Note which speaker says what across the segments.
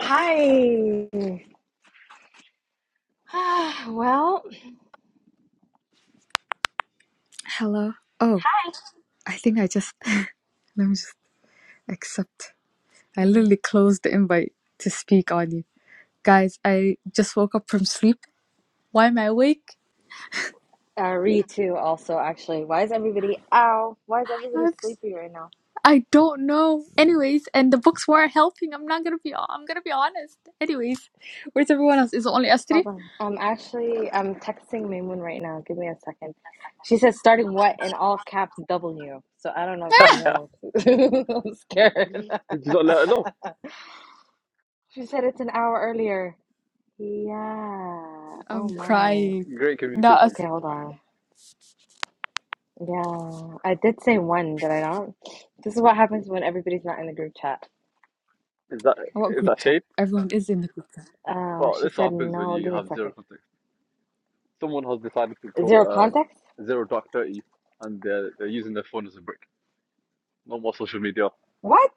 Speaker 1: Hi. Ah, well,
Speaker 2: Hello. Oh, I think I just let me just accept. I
Speaker 1: uh,
Speaker 2: literally closed the invite to speak on you. Guys, I just woke up from sleep. Why am I awake?
Speaker 1: Ree too. Also, actually, why is everybody? Ow! Why is everybody
Speaker 2: I'm, s-
Speaker 1: sleepy right now?
Speaker 2: I don't know. Anyways, and the books weren't helping. I'm not gonna be. I'm gonna be honest. Anyways, where's everyone else? Is it only us
Speaker 1: Hold
Speaker 2: three?
Speaker 1: on. I'm actually I'm texting Maymoon right now. Give me a second. She says starting what in all caps W. So I don't know if she knows. I'm scared.
Speaker 3: We do not let no.
Speaker 1: She said it's an hour earlier. Yeah. Oh
Speaker 2: I'm
Speaker 1: my.
Speaker 2: crying.
Speaker 3: Great
Speaker 2: Not us.
Speaker 3: communication.
Speaker 1: Okay, hold on. Yeah, I did say one, did I not? This is what happens when everybody's not in the group chat.
Speaker 3: Is that
Speaker 2: What
Speaker 3: is
Speaker 2: group
Speaker 3: that
Speaker 2: chat?
Speaker 3: shade?
Speaker 2: Everyone is in the group. Chat.
Speaker 1: Uh,
Speaker 3: Well,
Speaker 1: she
Speaker 3: this
Speaker 1: said
Speaker 3: happens when
Speaker 1: no.
Speaker 3: you
Speaker 1: Give me a
Speaker 3: have zero
Speaker 1: second.
Speaker 3: context. Someone has decided to go
Speaker 1: Zero
Speaker 3: um
Speaker 1: context?
Speaker 3: zero dark thirty, and they're they're using their phone as a brick. No more social media.
Speaker 1: What?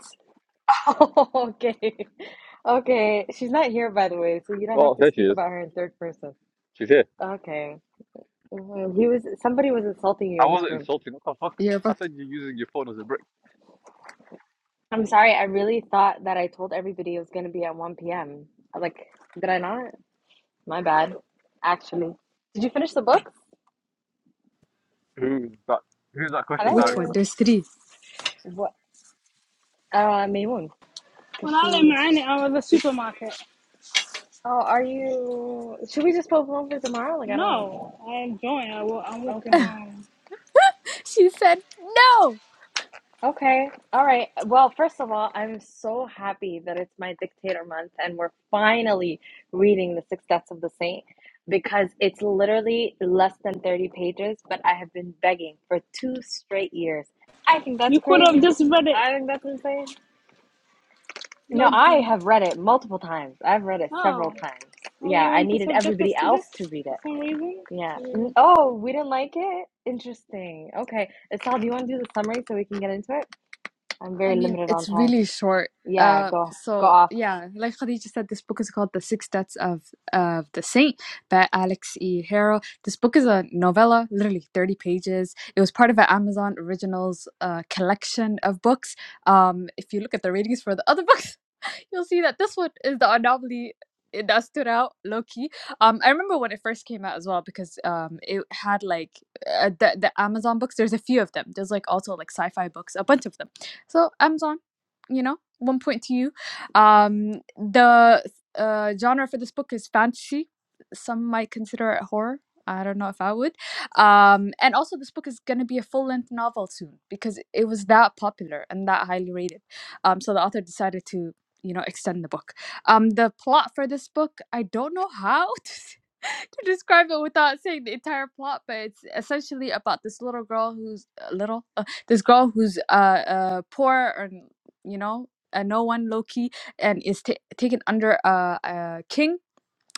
Speaker 1: okay. Okay. She's not here, by the way, so you don't
Speaker 3: Well,
Speaker 1: have to
Speaker 3: there she
Speaker 1: speak
Speaker 3: is.
Speaker 1: about her in third person.
Speaker 3: She's here.
Speaker 1: Okay. Mhm. He was somebody was insulting you
Speaker 3: I
Speaker 1: in this
Speaker 3: wasn't
Speaker 1: room.
Speaker 3: insulting. What the fuck?
Speaker 2: Yeah,
Speaker 3: I
Speaker 2: but
Speaker 3: said you're using your phone as a brick.
Speaker 1: I'm sorry. I really thought that I told everybody it was going to be at 1 p.m. Like, did I not? My bad. Actually, did you finish the books?
Speaker 3: Who's that? Who's that question
Speaker 2: which
Speaker 3: directed
Speaker 2: one?
Speaker 3: at?
Speaker 1: Hello.
Speaker 2: There's three.
Speaker 1: What? Uh, Maymoon. Cause
Speaker 4: When I left
Speaker 1: she.
Speaker 4: mine, I was at the supermarket.
Speaker 1: Oh, are you? Should we just postpone for tomorrow? Like, I don't
Speaker 4: No,
Speaker 1: know.
Speaker 4: I am joined. I wa- I'm walking
Speaker 1: Okay.
Speaker 4: home.
Speaker 2: She said no.
Speaker 1: Okay. All right. Well, first of all, I'm so happy that it's my dictator month and we're finally reading The Six Deaths of the Saint because it's literally less than 30 pages, but I have been begging for two straight years. I think that's
Speaker 4: You could have
Speaker 1: crazy.
Speaker 4: just read it,
Speaker 1: I think that's insane. No, I
Speaker 4: Loki.
Speaker 1: have read it multiple times. I've read it several
Speaker 4: Oh,
Speaker 1: times.
Speaker 4: oh,
Speaker 1: Yeah,
Speaker 4: you
Speaker 1: I
Speaker 4: want to
Speaker 1: needed
Speaker 4: subject us
Speaker 1: everybody
Speaker 4: to this
Speaker 1: else to read
Speaker 4: for
Speaker 1: it.
Speaker 4: some reason?
Speaker 1: Yeah. Mm,
Speaker 4: Weird.
Speaker 1: Oh, we didn't like it? Interesting. Okay. Isal, do you want to do the summary so we can get into it? I'm
Speaker 2: I
Speaker 1: very
Speaker 2: mean,
Speaker 1: limited
Speaker 2: it's
Speaker 1: on time.
Speaker 2: really short.
Speaker 1: Yeah,
Speaker 2: Uh,
Speaker 1: go go
Speaker 2: so
Speaker 1: off.
Speaker 2: yeah, like Khadija said, this book is called "The Six Deaths of of the Saint" by Alex E. Harrow. This book is a novella, literally thirty pages. It was part of an Amazon Originals uh, collection of books. Um, if you look at the ratings for the other books, You'll see that this one is the anomaly that stood out low key. Um, I remember when it first came out as well because um, it had like uh, the the Amazon books. There's a few of them. There's like also like sci-fi books, a bunch of them. So Amazon, you know, one point to you. Um, the uh, genre for this book is fantasy. Some might consider it horror. I don't know if I would. Um, and also, this book is going to be a full length novel soon because it was that popular and that highly rated. Um, so the author decided to you know extend the book um the plot for this book i don't know how to, to describe it without saying the entire plot but it's essentially about this little girl who's uh, little uh, this girl who's uh, uh poor or you know uh, no one low key and is ta taken under a, a king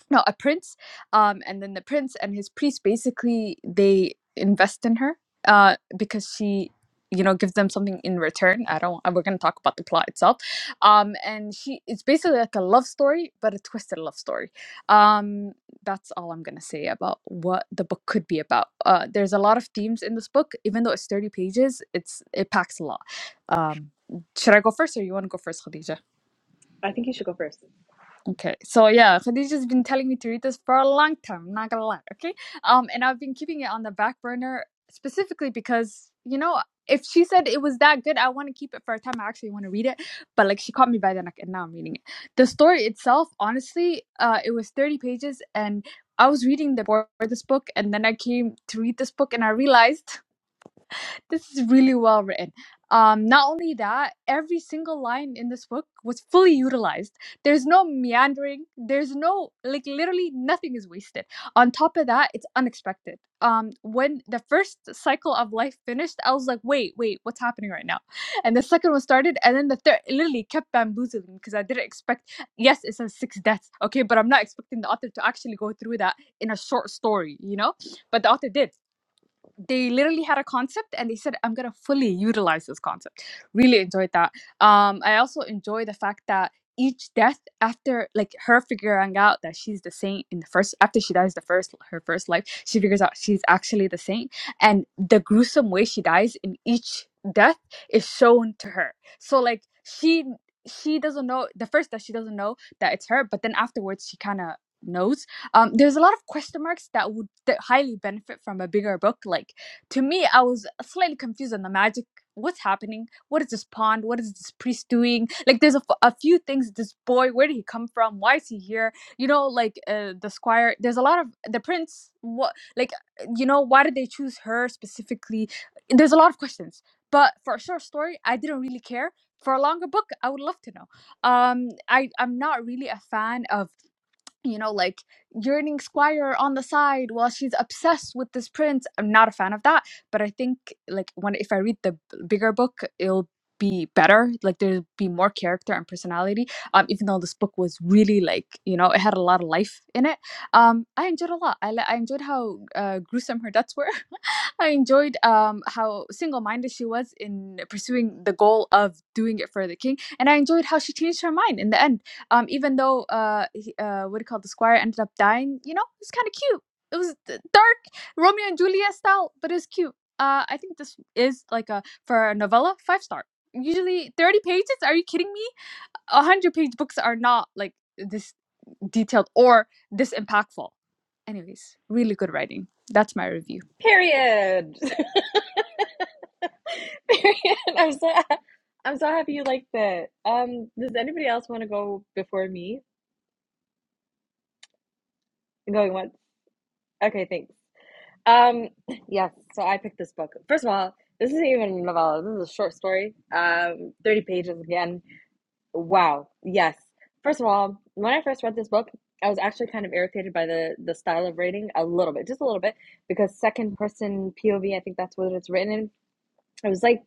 Speaker 2: no a prince um and then the prince and his priest basically they invest in her uh because she you know gives them something in return i don't we're going to talk about the plot itself um and she it's basically like a love story but a twisted love story um that's all i'm going to say about what the book could be about uh there's a lot of themes in this book even though it's 30 pages it's it packs a lot um should i go first or you want to go first khadija
Speaker 1: I think you should go first.
Speaker 2: Okay, so yeah, Khadija has been telling me to read this for a long time. I'm not gonna lie, okay? Um, and I've been keeping it on the back burner specifically because you know if she said it was that good, I want to keep it for a time. I actually want to read it, but like she caught me by the neck, and now I'm reading it. The story itself, honestly, uh, it was 30 pages, and I was reading the for this book, and then I came to read this book, and I realized this is really well written. Um, not only that, every single line in this book was fully utilized. There's no meandering. There's no like literally nothing is wasted. On top of that, it's unexpected. Um, when the first cycle of life finished, I was like, wait, wait, what's happening right now? And the second one started, and then the third it literally kept bamboozling because I didn't expect. Yes, it says six deaths, okay, but I'm not expecting the author to actually go through that in a short story, you know. But the author did they literally had a concept and they said i'm going to fully utilize this concept really enjoyed that um i also enjoy the fact that each death after like her figuring out that she's the saint in the first after she dies the first her first life she figures out she's actually the saint and the gruesome way she dies in each death is shown to her so like she she doesn't know the first that she doesn't know that it's her but then afterwards she kind of knows um, there's a lot of question marks that would that highly benefit from a bigger book like to me i was slightly confused on the magic what's happening what is this pond what is this priest doing like there's a, f- a few things this boy where did he come from why is he here you know like uh, the squire there's a lot of the prince what like you know why did they choose her specifically there's a lot of questions but for a short story i didn't really care for a longer book i would love to know um i i'm not really a fan of you know, like yearning squire on the side while she's obsessed with this prince. I'm not a fan of that, but I think like when if I read the bigger book, it'll be better. Like there'll be more character and personality. Um, even though this book was really like you know it had a lot of life in it. Um, I enjoyed a lot. I li- I enjoyed how uh, gruesome her deaths were. I enjoyed um, how single minded she was in pursuing the goal of doing it for the king, and I enjoyed how she changed her mind in the end. Um, even though uh, he, uh, what do you call the squire ended up dying, you know, it's kind of cute. It was d- dark Romeo and Juliet style, but it's cute. Uh, I think this is like a for a novella five star. Usually thirty pages. Are you kidding me? A hundred page books are not like this detailed or this impactful. Anyways, really good writing. That's my review.
Speaker 1: Period. Period. I'm so I'm so happy you liked it. Um, does anybody else want to go before me? I'm going once. Okay, thanks. Um, yes. So I picked this book. First of all, this isn't even a novella. This is a short story. Um, thirty pages again. Wow. Yes. First of all, when I first read this book, I was actually kind of irritated by the the style of writing a little bit, just a little bit, because second person POV. I think that's what it's written in. It was like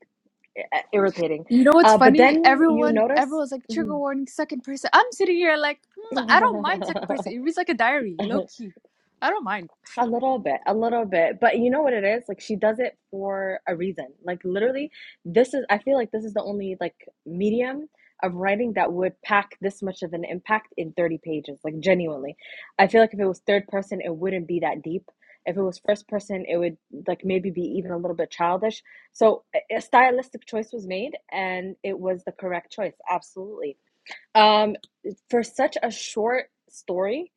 Speaker 1: i- irritating.
Speaker 2: You know what's
Speaker 1: Uh, but
Speaker 2: funny?
Speaker 1: then you
Speaker 2: Everyone,
Speaker 1: notice
Speaker 2: everyone's like trigger
Speaker 1: Mhm.
Speaker 2: warning, second person. I'm sitting here like, "Mm, I don't mind second person. It reads like a diary, low key. I don't mind.
Speaker 1: a little bit, a little bit. But you know what it is? Like she does it for a reason. Like literally, this is. I feel like this is the only like medium of writing that would pack this much of an impact in 30 pages like genuinely i feel like if it was third person it wouldn't be that deep if it was first person it would like maybe be even a little bit childish so a a stylistic choice was made and it was the correct choice absolutely Um, for such a short story,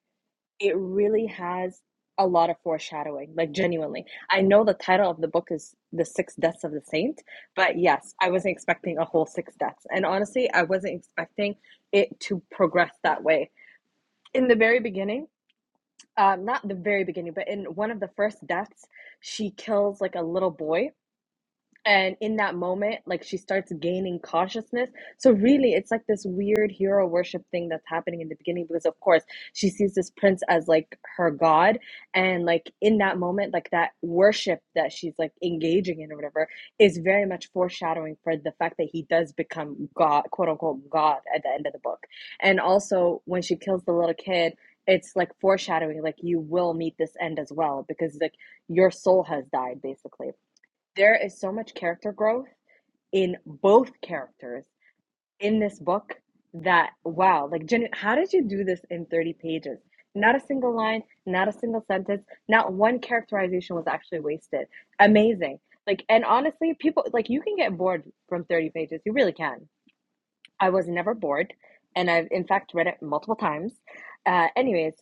Speaker 1: it really has a lot of foreshadowing, like genuinely. I know the title of the book is The Six Deaths of the Saint, but yes, I wasn't expecting a whole six deaths. And honestly, I wasn't expecting it to progress that way. In the very beginning, um, not the very beginning, but in one of the first deaths, she kills like a little boy and in that moment like she starts gaining consciousness so really it's like this weird hero worship thing that's happening in the beginning because of course she sees this prince as like her god and like in that moment like that worship that she's like engaging in or whatever is very much foreshadowing for the fact that he does become god quote unquote god at the end of the book and also when she kills the little kid it's like foreshadowing like you will meet this end as well because like your soul has died basically there is so much character growth in both characters in this book that wow, like Jenny, how did you do this in 30 pages? Not a single line, not a single sentence, not one characterization was actually wasted. Amazing. Like, and honestly, people like you can get bored from 30 pages. You really can I was never bored, and I've in fact read it multiple times. Uh, anyways,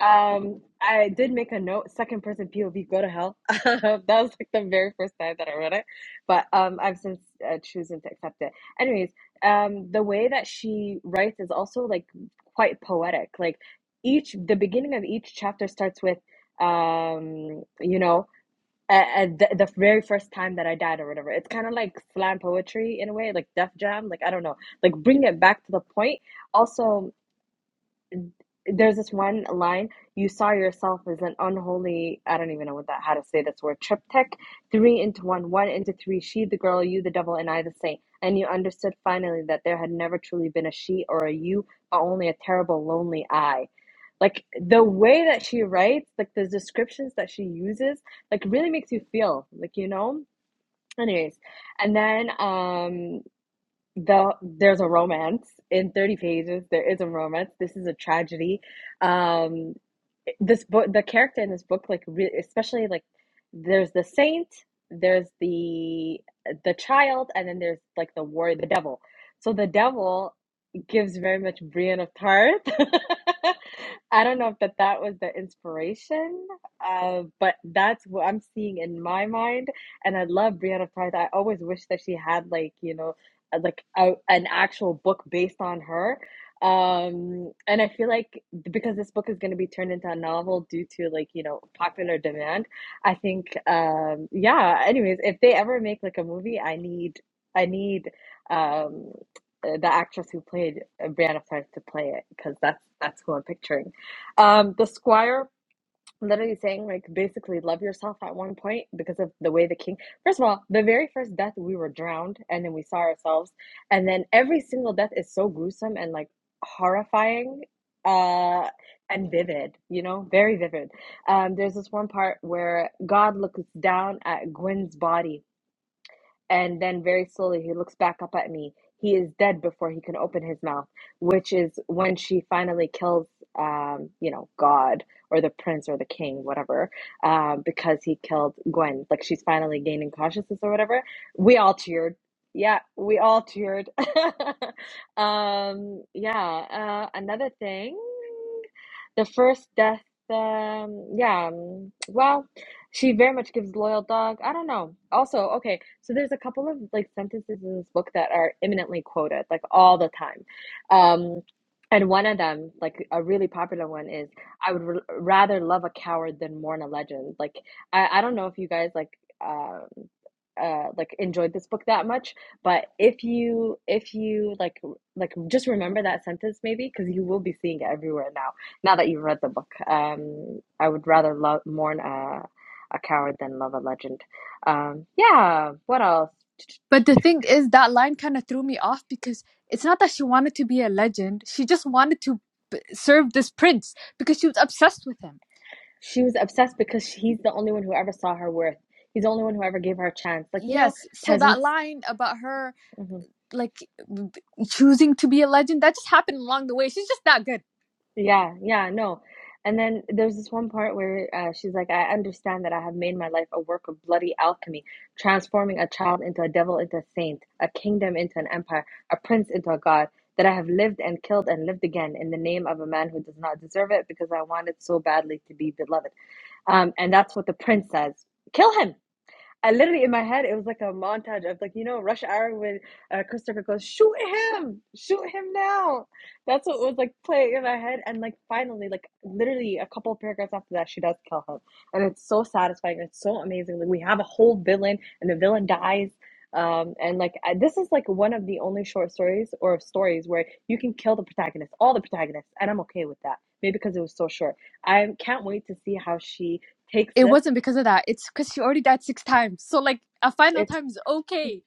Speaker 1: um, I did make a note. Second person POV, go to hell. that was like the very first time that I read it, but um, I've since uh, chosen to accept it. Anyways, um, the way that she writes is also like quite poetic. Like each, the beginning of each chapter starts with, um, you know uh, the, the very first time that I died or whatever. It's kind of like slam poetry in a way, like Def Jam. Like I don't know, like bring it back to the point. Also, there's this one line: "You saw yourself as an unholy." I don't even know what that how to say this word. Triptych, three into one, one into three. She, the girl, you, the devil, and I, the saint. And you understood finally that there had never truly been a she or a you, but only a terrible, lonely I. Like the way that she writes, like the descriptions that she uses, like really makes you feel, like you know Anyways, and then um the there's a romance in 30 pages. There is a romance. This is a tragedy. Um this book the character in this book like re- especially like there's the saint there's the the child and then there's like the war the devil so the devil gives very much Brienne of Tarth I don't know if that that was the inspiration uh but that's what I'm seeing in my mind and I love Brienne of Tarth I always wish that she had like you know uh, like a, an actual book based on her um, and I feel like because this book is going to be turned into a novel due to like, you know, popular demand, I think um yeah, anyways, if they ever make like a movie, I need I need um uh, the actress who played uh, Brianna Flores to play it because that's that's who I'm picturing. Um, the Squire literally saying like basically love yourself at one point because of the way the king first of all the very first death we were drowned and then we saw ourselves and then every single death is so gruesome and like horrifying uh and vivid you know very vivid um there's this one part where god looks down at Gwen's body and then very slowly he looks back up at me. He is dead before he can open his mouth, which is when she finally kills, um, you know, God or the prince or the king, whatever, uh, because he killed Gwen. Like she's finally gaining consciousness or whatever. We all cheered. Yeah, we all cheered. um, yeah. Uh, another thing, the first death. Um, yeah. um, Well. She very much gives loyal dog. I don't know. Also, okay, so there's a couple of like sentences in this book that are imminently quoted, like all the time. Um, and one of them, like a really popular one, is I would r rather love a coward than mourn a legend. Like I, I don't know if you guys like um uh like enjoyed this book that much, but if you if you like like just remember that sentence maybe because you will be seeing it everywhere now now that you've read the book. Um, I would rather love mourn. a. A Coward Than Love, a Legend. Um, yeah, what else?
Speaker 2: But the thing is, that line kind of threw me off because it's not that she wanted to be a legend. She just wanted to b- serve this prince because she was obsessed with him.
Speaker 1: She was obsessed because he's the only one who ever saw her worth. He's the only one who ever gave her a chance. Like, you know,
Speaker 2: Yes. So that
Speaker 1: peasants.
Speaker 2: line about her
Speaker 1: hmm
Speaker 2: like b- choosing to be a legend, that just happened along the way. She's just that good.
Speaker 1: Yeah, yeah, no. And then there's this one part where uh, she's like, I understand that I have made my life a work of bloody alchemy, transforming a child into a devil, into a saint, a kingdom into an empire, a prince into a god, that I have lived and killed and lived again in the name of a man who does not deserve it because I wanted so badly to be beloved. Um, and that's what the prince says kill him. I literally in my head it was like a montage of like you know rush hour when uh, Christopher goes shoot him shoot him now that's what was like playing in my head and like finally like literally a couple of paragraphs after that she does kill him and it's so satisfying it's so amazing like we have a whole villain and the villain dies um and like I, this is like one of the only short stories or stories where you can kill the protagonist all the protagonists and I'm okay with that maybe because it was so short I can't wait to see how she takes
Speaker 2: it
Speaker 1: this
Speaker 2: wasn't because of that. It's because she already died six times. So like a final
Speaker 1: it's.
Speaker 2: time is okay.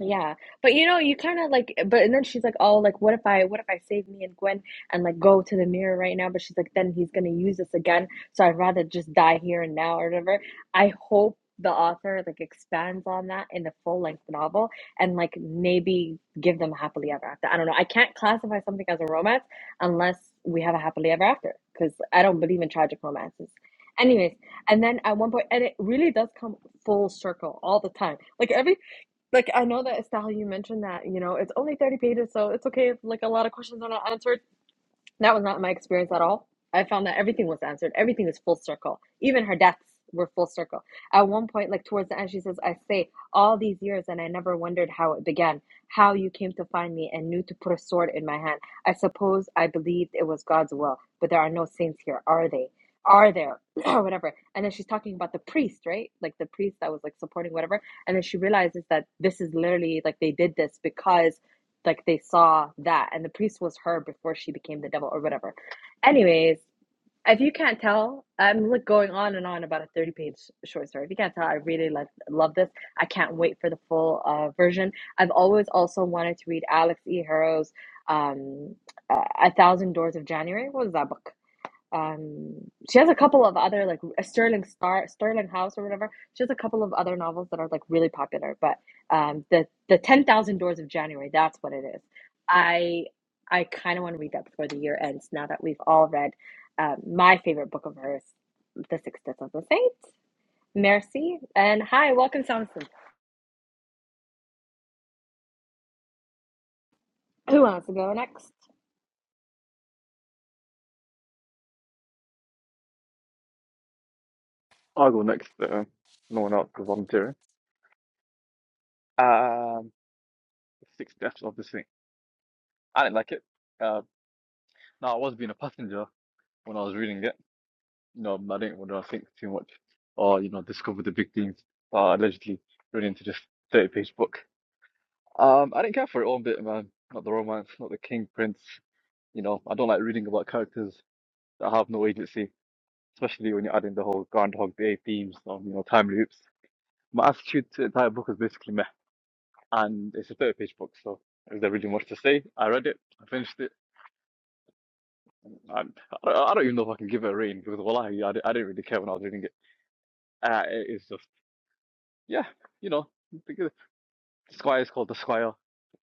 Speaker 1: Yeah, but you know, you kind of like, eh, but and then she's like, "Oh, like what if I, what if I save me and Gwen and like go to the mirror right now?" But she's like, "Then he's gonna use us again, so I'd rather just die here and now or whatever." I hope the author like expands on that in the full length novel and like maybe give them a happily ever after. I don't know. I can't classify something as a romance unless we have a happily ever after because I don't believe in tragic romances. Anyways, and then at one point, and it really does come full circle all the time. Like every. Like I know that Estelle, you mentioned that, you know, it's only 30 pages, so it's okay if like a lot of questions are not answered. That was not my experience at all. I found that everything was answered. Everything is full circle. Even her deaths were full circle. At one point, like towards the end, she says, I say all these years and I never wondered how it began, how you came to find me and knew to put a sword in my hand. I suppose I believed it was God's will, but there are no saints here, are they? Are there? Or whatever. And then she's talking about the priest, right? Like the priest that was like supporting whatever. And then she realizes that this is literally like they did this because like they saw that and the priest was her before she became the devil or whatever anyways if you can't tell i'm like going on and on about a 30 page short story if you can't tell i really like love this i can't wait for the full uh, version i've always also wanted to read alex e harrow's um uh, a thousand doors of january what was that book um she has a couple of other like a sterling star sterling house or whatever she has a couple of other novels that are like really popular but um the the 10000 doors of january that's what it is i i kind of want to read that before the year ends now that we've all read um, my favorite book of hers the six deaths of the saints mercy and hi welcome samson who wants to go next
Speaker 3: I'll go next. Uh, no one else because volunteering. Um, six deaths of this thing. I didn't like it. Uh, now I was being a passenger when I was reading it. No, I didn't want to think too much or, you know, discover the big things. Uh, allegedly run into this 30 page book. Um, I didn't care for it one bit, man. Not the romance, not the king, prince. You know, I don't like reading about characters that have no agency, especially when you're adding the whole Groundhog Day themes or you know, time loops. My attitude to the entire book is basically meh. And it's a 30 page book, so is there really much to say? I read it, I finished it. and I don't I don't even know if I can give it a rating because, well, I, di- I didn't really care when I was reading it. Uh, it is just. Yeah, you know, the squire is called the squire,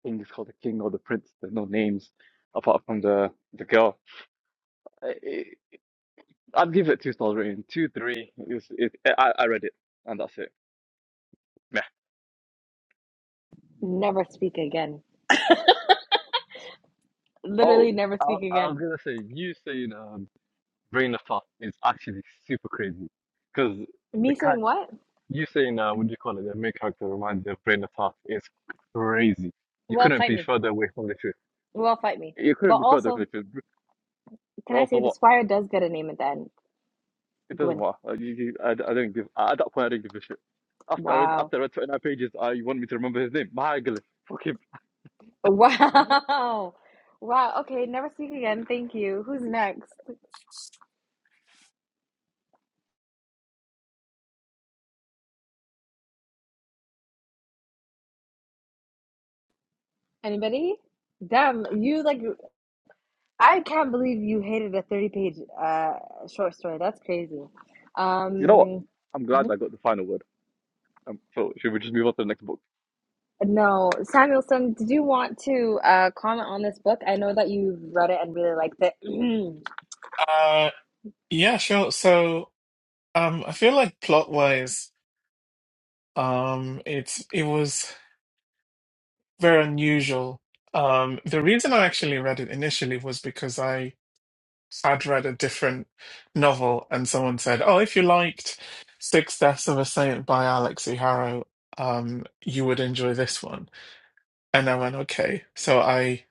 Speaker 3: the king is called the king or the prince. There's no names apart from the the girl. I, I, I'd give it two stars rating, two, three. It's, it, I, I read it, and that's it. Meh.
Speaker 1: never speak again
Speaker 3: Oh,
Speaker 1: literally never
Speaker 3: I,
Speaker 1: speak
Speaker 3: I
Speaker 1: again
Speaker 3: was gonna say you saying um, brain of thought is actually super crazy, because the
Speaker 1: me
Speaker 3: cat
Speaker 1: saying what
Speaker 3: you saying uh, what do you call it? The main character reminds me of brain of thought is crazy. You
Speaker 1: well
Speaker 3: couldn't
Speaker 1: fight
Speaker 3: be
Speaker 1: me
Speaker 3: further away from the truth.
Speaker 1: well fight me
Speaker 3: You
Speaker 1: but
Speaker 3: couldn't be further from
Speaker 1: also
Speaker 3: the truth.
Speaker 1: Can I
Speaker 3: Also,
Speaker 1: say
Speaker 3: what?
Speaker 1: the squire does get a name at the end?
Speaker 3: It doesn't
Speaker 1: Good.
Speaker 3: matter. Uh, You, you, I, I don't give. At that point, I don't give a shit. After I read,
Speaker 1: Wow.
Speaker 3: after I read 29 pages, I you want me to remember his name. Mahagale. Fuck him. You
Speaker 1: Wow. Wow. Okay, never speak again. Thank you. Who's next? Anybody? Damn, you like I can't believe you hated a 30 page uh short story. That's crazy.
Speaker 3: know what?
Speaker 1: Um
Speaker 3: I'm
Speaker 1: mhm.
Speaker 3: glad I got the final word. Um, so should we just move on to the next book?
Speaker 1: no, Samuelson, did you want to uh comment on this book? I know that you read it and really liked it.
Speaker 5: Uh, yeah, sure. So, um, I feel like plot-wise, um, it's it was very unusual. Um, the reason I actually read it initially was because I had read a different novel, and someone said, "Oh, if you liked Six Deaths of a Saint by Alex E. Harrow, um, you would enjoy this one." And I went, "Okay." So I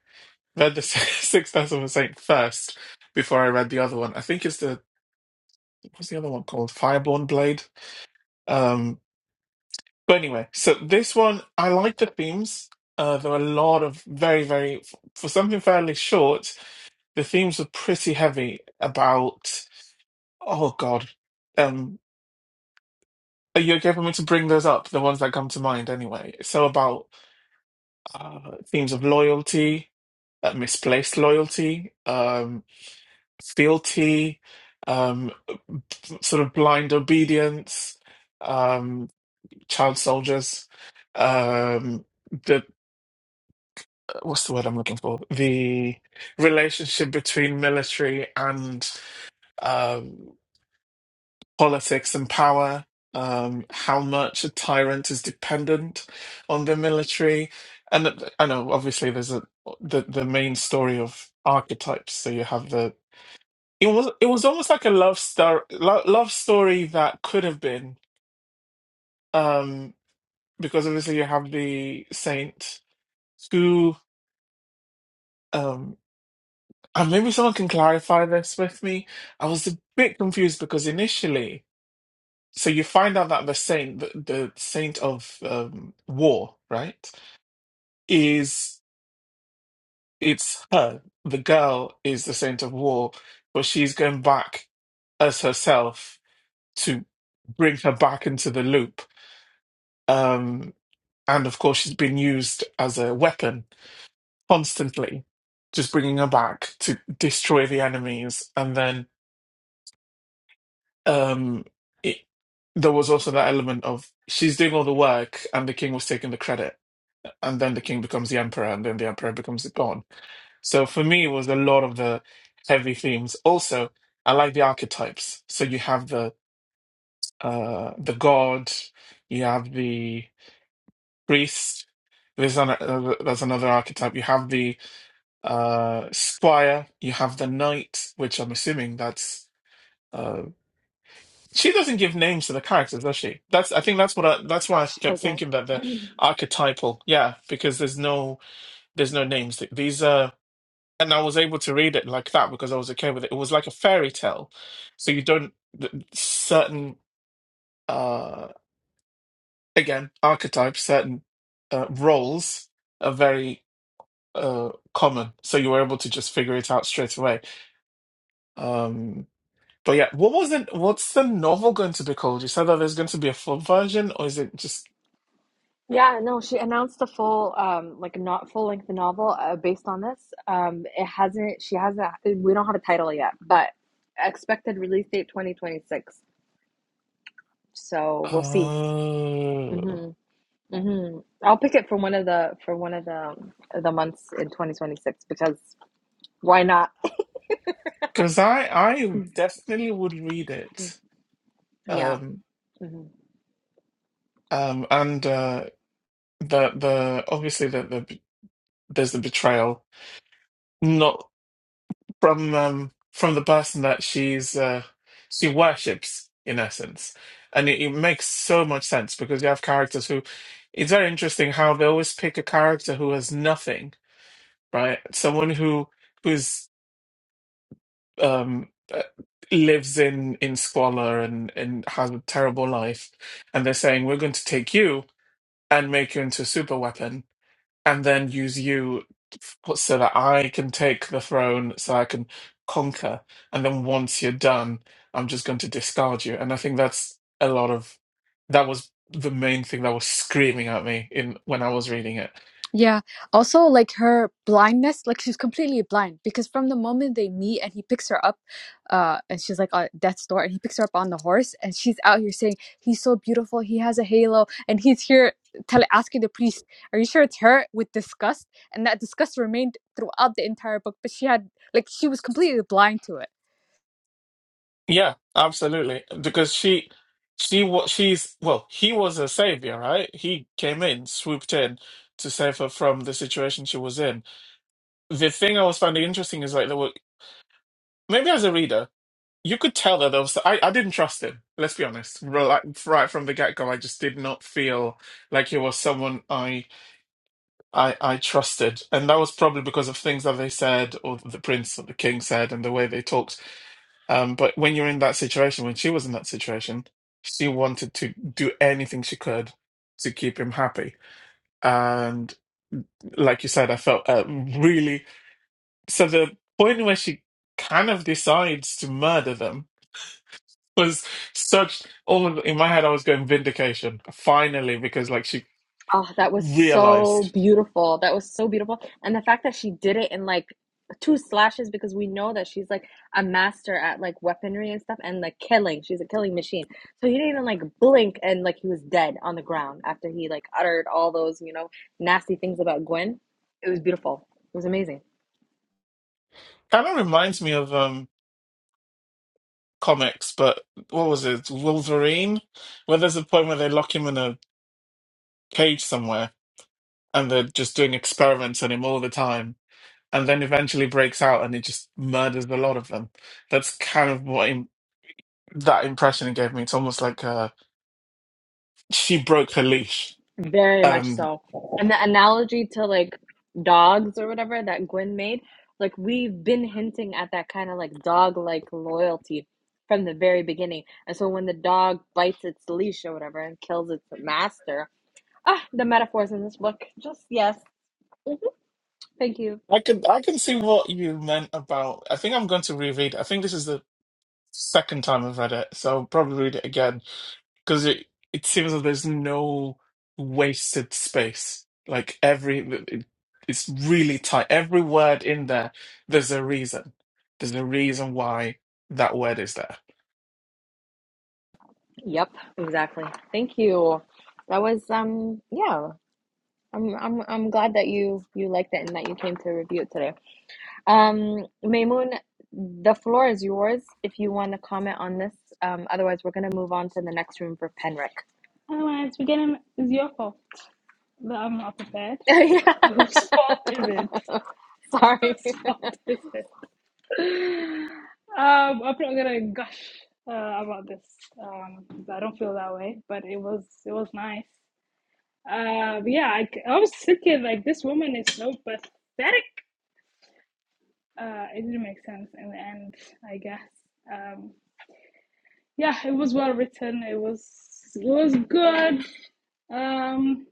Speaker 5: read the Six Deaths of a Saint first before I read the other one. I think it's the what's the other one called? Fireborn Blade. Um, But anyway, so this one, I like the themes. Uh, there were a lot of very, very, for something fairly short, the themes were pretty heavy about, oh God. Um, are you okay for me to bring those up? The ones that come to mind anyway. So about uh, themes of loyalty, uh, misplaced loyalty, um, fealty, um, sort of blind obedience, um, child soldiers, um, the what's the word I'm looking for? The relationship between military and um, politics and power. Um, how much a tyrant is dependent on the military, and th- I know obviously there's a the the main story of archetypes. So you have the it was it was almost like a love star lo- love story that could have been um, because obviously you have the saint who. um, And maybe someone can clarify this with me. I was a bit confused because initially, so you find out that the saint, the, the saint of um, war, right, is it's her. The girl is the saint of war, but she's going back as herself to bring her back into the loop. Um, and of course, she's been used as a weapon constantly, just bringing her back to destroy the enemies, and then um it, there was also that element of she's doing all the work and the king was taking the credit and then the king becomes the emperor and then the emperor becomes the god so for me it was a lot of the heavy themes also i like the archetypes so you have the uh the god you have the priest there's an, uh, there's another archetype you have the uh squire you have the knight which i'm assuming that's uh, She doesn't give names to the characters, does she? That's I think that's what I, that's why I
Speaker 1: Oh,
Speaker 5: kept
Speaker 1: shit.
Speaker 5: thinking that the archetypal, yeah, because there's no there's no names. These are and I was able to read it like that because I was okay with it. It was like a fairy tale, so you don't th- certain uh again archetypes, certain uh, roles are very uh common, so you were able to just figure it out straight away. Um, but yeah, what was it? What's the novel going to be called? You said that there's going to be a full version, or is it just?
Speaker 1: Yeah, no, she announced a full, um, like not full length novel uh, based on this. Um, it hasn't, she hasn't, we don't have a title yet, but expected release date 2026. So we'll see.
Speaker 5: Oh,
Speaker 1: hmm hmm I'll pick it for one of the, for one of the, the months in 2026 because why not?
Speaker 5: because I I definitely would read
Speaker 1: Mm-hmm,
Speaker 5: it.
Speaker 1: Yeah.
Speaker 5: Um,
Speaker 1: hmm
Speaker 5: um, and uh, the the obviously the, the b- there's the betrayal, not from um from the person that she's uh she worships in essence, and it, it makes so much sense because you have characters who it's very interesting how they always pick a character who has nothing, right? Someone who who's um, uh, lives in in squalor and and has a terrible life, and they're saying we're going to take you and make you into a super weapon, and then use you f- so that I can take the throne, so I can conquer, and then once you're done, I'm just going to discard you. And I think that's a lot of that was the main thing that was screaming at me in when I was reading it.
Speaker 2: Yeah. Also, like her blindness, like she's completely blind because from the moment they meet and he picks her up, uh, and she's like at death's door, and he picks her up on the horse, and she's out here saying he's so beautiful, he has a halo, and he's here tell asking the priest, "Are you sure it's her?" with disgust, and that disgust remained throughout the entire book. But she had like she was completely blind to it.
Speaker 5: Yeah, absolutely. Because she, she what she's well, he was a savior, right? He came in, swooped in to save her from the situation she was in. The thing I was finding interesting is like there were maybe as a reader, you could tell that there was I, I didn't trust him. Let's be honest. Ro- Like, right from the get go, I just did not feel like he was someone I I I trusted, and that was probably because of things that they said or the prince or the king said and the way they talked Um, but when you're in that situation, when she was in that situation, she wanted to do anything she could to keep him happy. And like you said, I felt uh, really so the point where she kind of decides to murder them was such all in my head I was going vindication finally because like she
Speaker 1: Oh, that was so
Speaker 5: realized
Speaker 1: beautiful. That was so beautiful. And the fact that she did it in like two slashes because we know that she's like a master at like weaponry and stuff and like killing. She's a killing machine. So he didn't even like blink and like he was dead on the ground after he like uttered all those, you know, nasty things about Gwen. It was beautiful. It was amazing.
Speaker 5: kind of reminds me of um comics but what was it Wolverine where there's a point where they lock him in a cage somewhere and they're just doing experiments on him all the time and then eventually breaks out and he just murders a lot of them that's kind of what im that impression it gave me it's almost like uh she broke her leash
Speaker 1: Very much
Speaker 5: um
Speaker 1: so. And the analogy to like dogs or whatever that Gwen made, like we've been hinting at that kind of like dog like loyalty from the very beginning. And so when the dog bites its leash or whatever and kills its master, ah, the metaphors in this book, just yes. Mhm. Thank you.
Speaker 5: i can i can see what you meant about i think i'm going to reread i think this is the second time i've read it so i'll probably read it again Because it, it seems that there's no wasted space. Like every, it, it's really tight. Every word in there, there's a reason. There's a reason why that word is there.
Speaker 1: Yep, exactly. Thank you. That was um yeah. I'm I'm I'm glad that you you liked it and that you came to review it today. Um, Maymoon, the floor is yours if you want to comment on this. Um, otherwise, we're going to move on to the next room for Penric.
Speaker 4: Otherwise, we're getting it's your fault that I'm not prepared. Whose fault is it?
Speaker 1: Sorry.
Speaker 4: Whose fault is it? Um, I'm not gonna gush uh, about this because I don't feel that way. But it was it was nice. Uh, but yeah, I, I was thinking like this woman is so pathetic. Uh, it didn't make sense in the end, I guess. Um, yeah, it was well written. It was it was good. Um,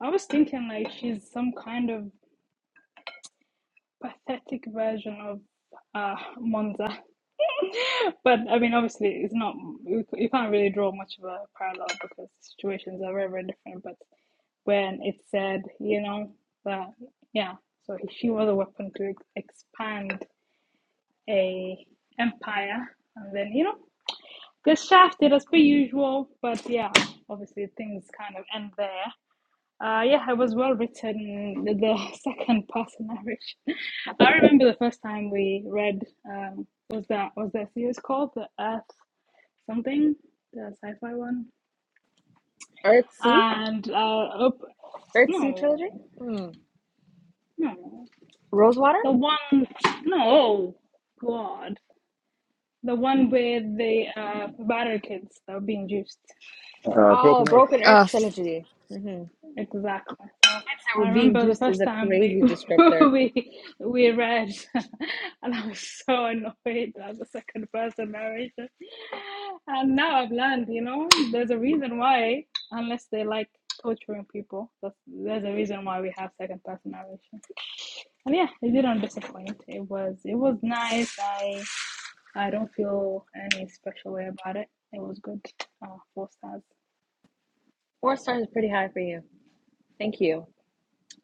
Speaker 4: I was thinking like she's some kind of pathetic version of uh Monza, but I mean, obviously, it's not. You you can't really draw much of a parallel because situations are very, very different. but. when it said, you know, that yeah, so if she was a weapon to expand a empire, and then you know, get shafted as per usual. But yeah, obviously things kind of end there. Uh, yeah, it was well written. The, the second person narration. I remember the first time we read. Um, was that was that series called the Earth something? The sci-fi one.
Speaker 1: Earthsea?
Speaker 4: And uh, op-
Speaker 1: Earthsea trilogy?
Speaker 4: no,
Speaker 1: Hmm.
Speaker 4: no.
Speaker 1: Rosewater?
Speaker 4: The one, no, oh, God. The one where the uh, battered kids that were being juiced.
Speaker 3: Uh, Broken
Speaker 1: Oh,
Speaker 3: Arrow.
Speaker 1: Broken Earth
Speaker 2: Uh,
Speaker 1: trilogy. hmm
Speaker 4: Exactly. So
Speaker 1: Kids that were
Speaker 4: I
Speaker 1: being
Speaker 4: remember the
Speaker 1: juiced is
Speaker 4: first
Speaker 1: a
Speaker 4: time we
Speaker 1: crazy descriptor.
Speaker 4: we we read, and I was so annoyed at the second person narration. And now I've learned, you know, there's a reason why, unless they like torturing people, that's, there's a reason why we have second person narration. And yeah, it didn't disappoint. It was it was nice. I I don't feel any special way about it. It was good. Oh, four stars.
Speaker 1: Four stars is pretty high for you. Thank you.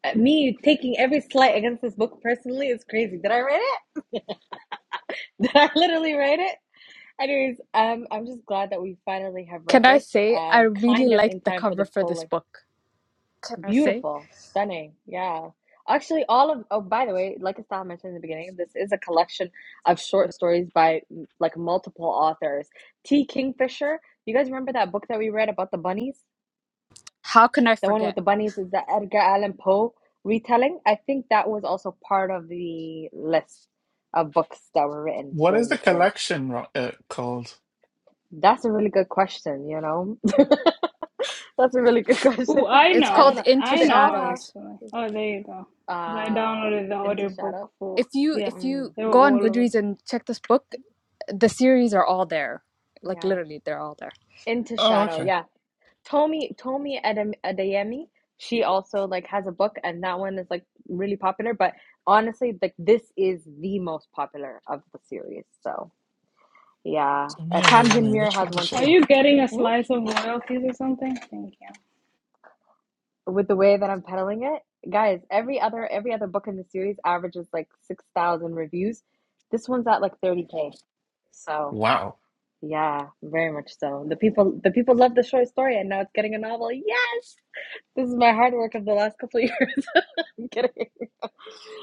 Speaker 1: Uh, me taking every slight against this book personally is crazy. Did I write it? Did I literally write it? Anyways, um, I'm just glad that we finally have read
Speaker 2: can I
Speaker 1: this,
Speaker 2: say I
Speaker 1: um,
Speaker 2: really
Speaker 1: kind of
Speaker 2: liked
Speaker 1: in
Speaker 2: the
Speaker 1: time for
Speaker 2: cover
Speaker 1: the
Speaker 2: for
Speaker 1: full
Speaker 2: this
Speaker 1: length.
Speaker 2: book. Can I say?
Speaker 1: Beautiful, stunning, yeah. Actually, all of, oh, by the way, like Estelle mentioned in the beginning, this is a collection of short stories by m- like multiple authors. T. Kingfisher, you guys remember that book that we read about the bunnies?
Speaker 2: How can I
Speaker 1: The one with
Speaker 2: forget?
Speaker 1: the bunnies is the Edgar Allan Poe retelling. I think that was also part of the list of books that were written
Speaker 5: What is
Speaker 1: during
Speaker 5: the
Speaker 1: this era.
Speaker 5: collection ro- uh, called?
Speaker 1: That's a really good question, you know? That's a really good
Speaker 4: Oh,
Speaker 1: question.
Speaker 4: I
Speaker 2: It's
Speaker 1: I don't
Speaker 2: called
Speaker 1: know,
Speaker 4: know.
Speaker 2: Into
Speaker 1: but
Speaker 4: I
Speaker 1: they
Speaker 4: know,
Speaker 1: all have
Speaker 2: Shadows.
Speaker 4: actually. Oh, there you go. Because I
Speaker 1: ah
Speaker 4: downloaded the
Speaker 1: into shadow.
Speaker 4: audiobook for,
Speaker 2: If you
Speaker 4: yeah,
Speaker 2: if
Speaker 1: Mm,
Speaker 2: you
Speaker 4: they were
Speaker 2: go on
Speaker 4: all of them.
Speaker 2: Goodreads and check this book, the series are all there. Like
Speaker 1: yeah,
Speaker 2: literally, they're all there.
Speaker 1: into
Speaker 5: Oh,
Speaker 1: shadow.
Speaker 5: okay.
Speaker 1: Yeah, Tomi Tomi Adem- Adeyemi. She also like has a book, and that one is like really popular. But honestly, like this is the most popular of the series. So yeah,
Speaker 5: So
Speaker 1: uh,
Speaker 5: Mia
Speaker 1: Tamsin
Speaker 5: Dayomi,
Speaker 1: Muir
Speaker 5: which one
Speaker 1: has
Speaker 5: does
Speaker 1: one
Speaker 5: she
Speaker 4: Are
Speaker 1: too.
Speaker 5: have?
Speaker 4: you getting a
Speaker 1: Hmm?
Speaker 4: slice of royalties or something? Thank
Speaker 1: With the way that I'm peddling it, guys, every other every other book in the series averages like six thousand reviews. This one's at like thirty k. So.
Speaker 5: Wow.
Speaker 1: Yeah, very much so. The people the people love the short story and now it's getting a novel. Yes! This is my hard work of the last couple of years. I'm kidding.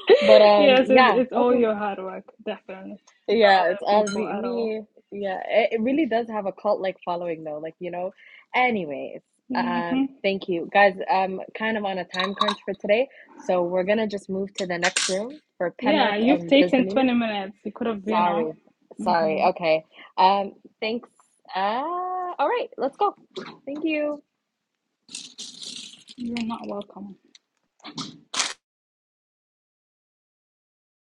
Speaker 4: you.
Speaker 1: But um
Speaker 4: yes, it's,
Speaker 1: yeah,
Speaker 4: it's all
Speaker 1: okay.
Speaker 4: your hard work, definitely. No
Speaker 1: Yeah, it's
Speaker 4: other
Speaker 1: all
Speaker 4: people
Speaker 1: me,
Speaker 4: at all.
Speaker 1: me. Yeah, it, it really does have a cult-like following though. Like, you know. Anyways, um
Speaker 4: hmm
Speaker 1: thank you. Guys, I'm kind of on a time crunch for today, so we're gonna just move to the next room for
Speaker 4: Yeah,
Speaker 1: Penric
Speaker 4: you've
Speaker 1: and
Speaker 4: taken
Speaker 1: Desdemona.
Speaker 4: 20 minutes. You could have been on.
Speaker 1: Sorry. Sorry.
Speaker 4: hmm
Speaker 1: Okay. Um thanks. Uh all right, let's go. Thank you.
Speaker 4: You're not welcome.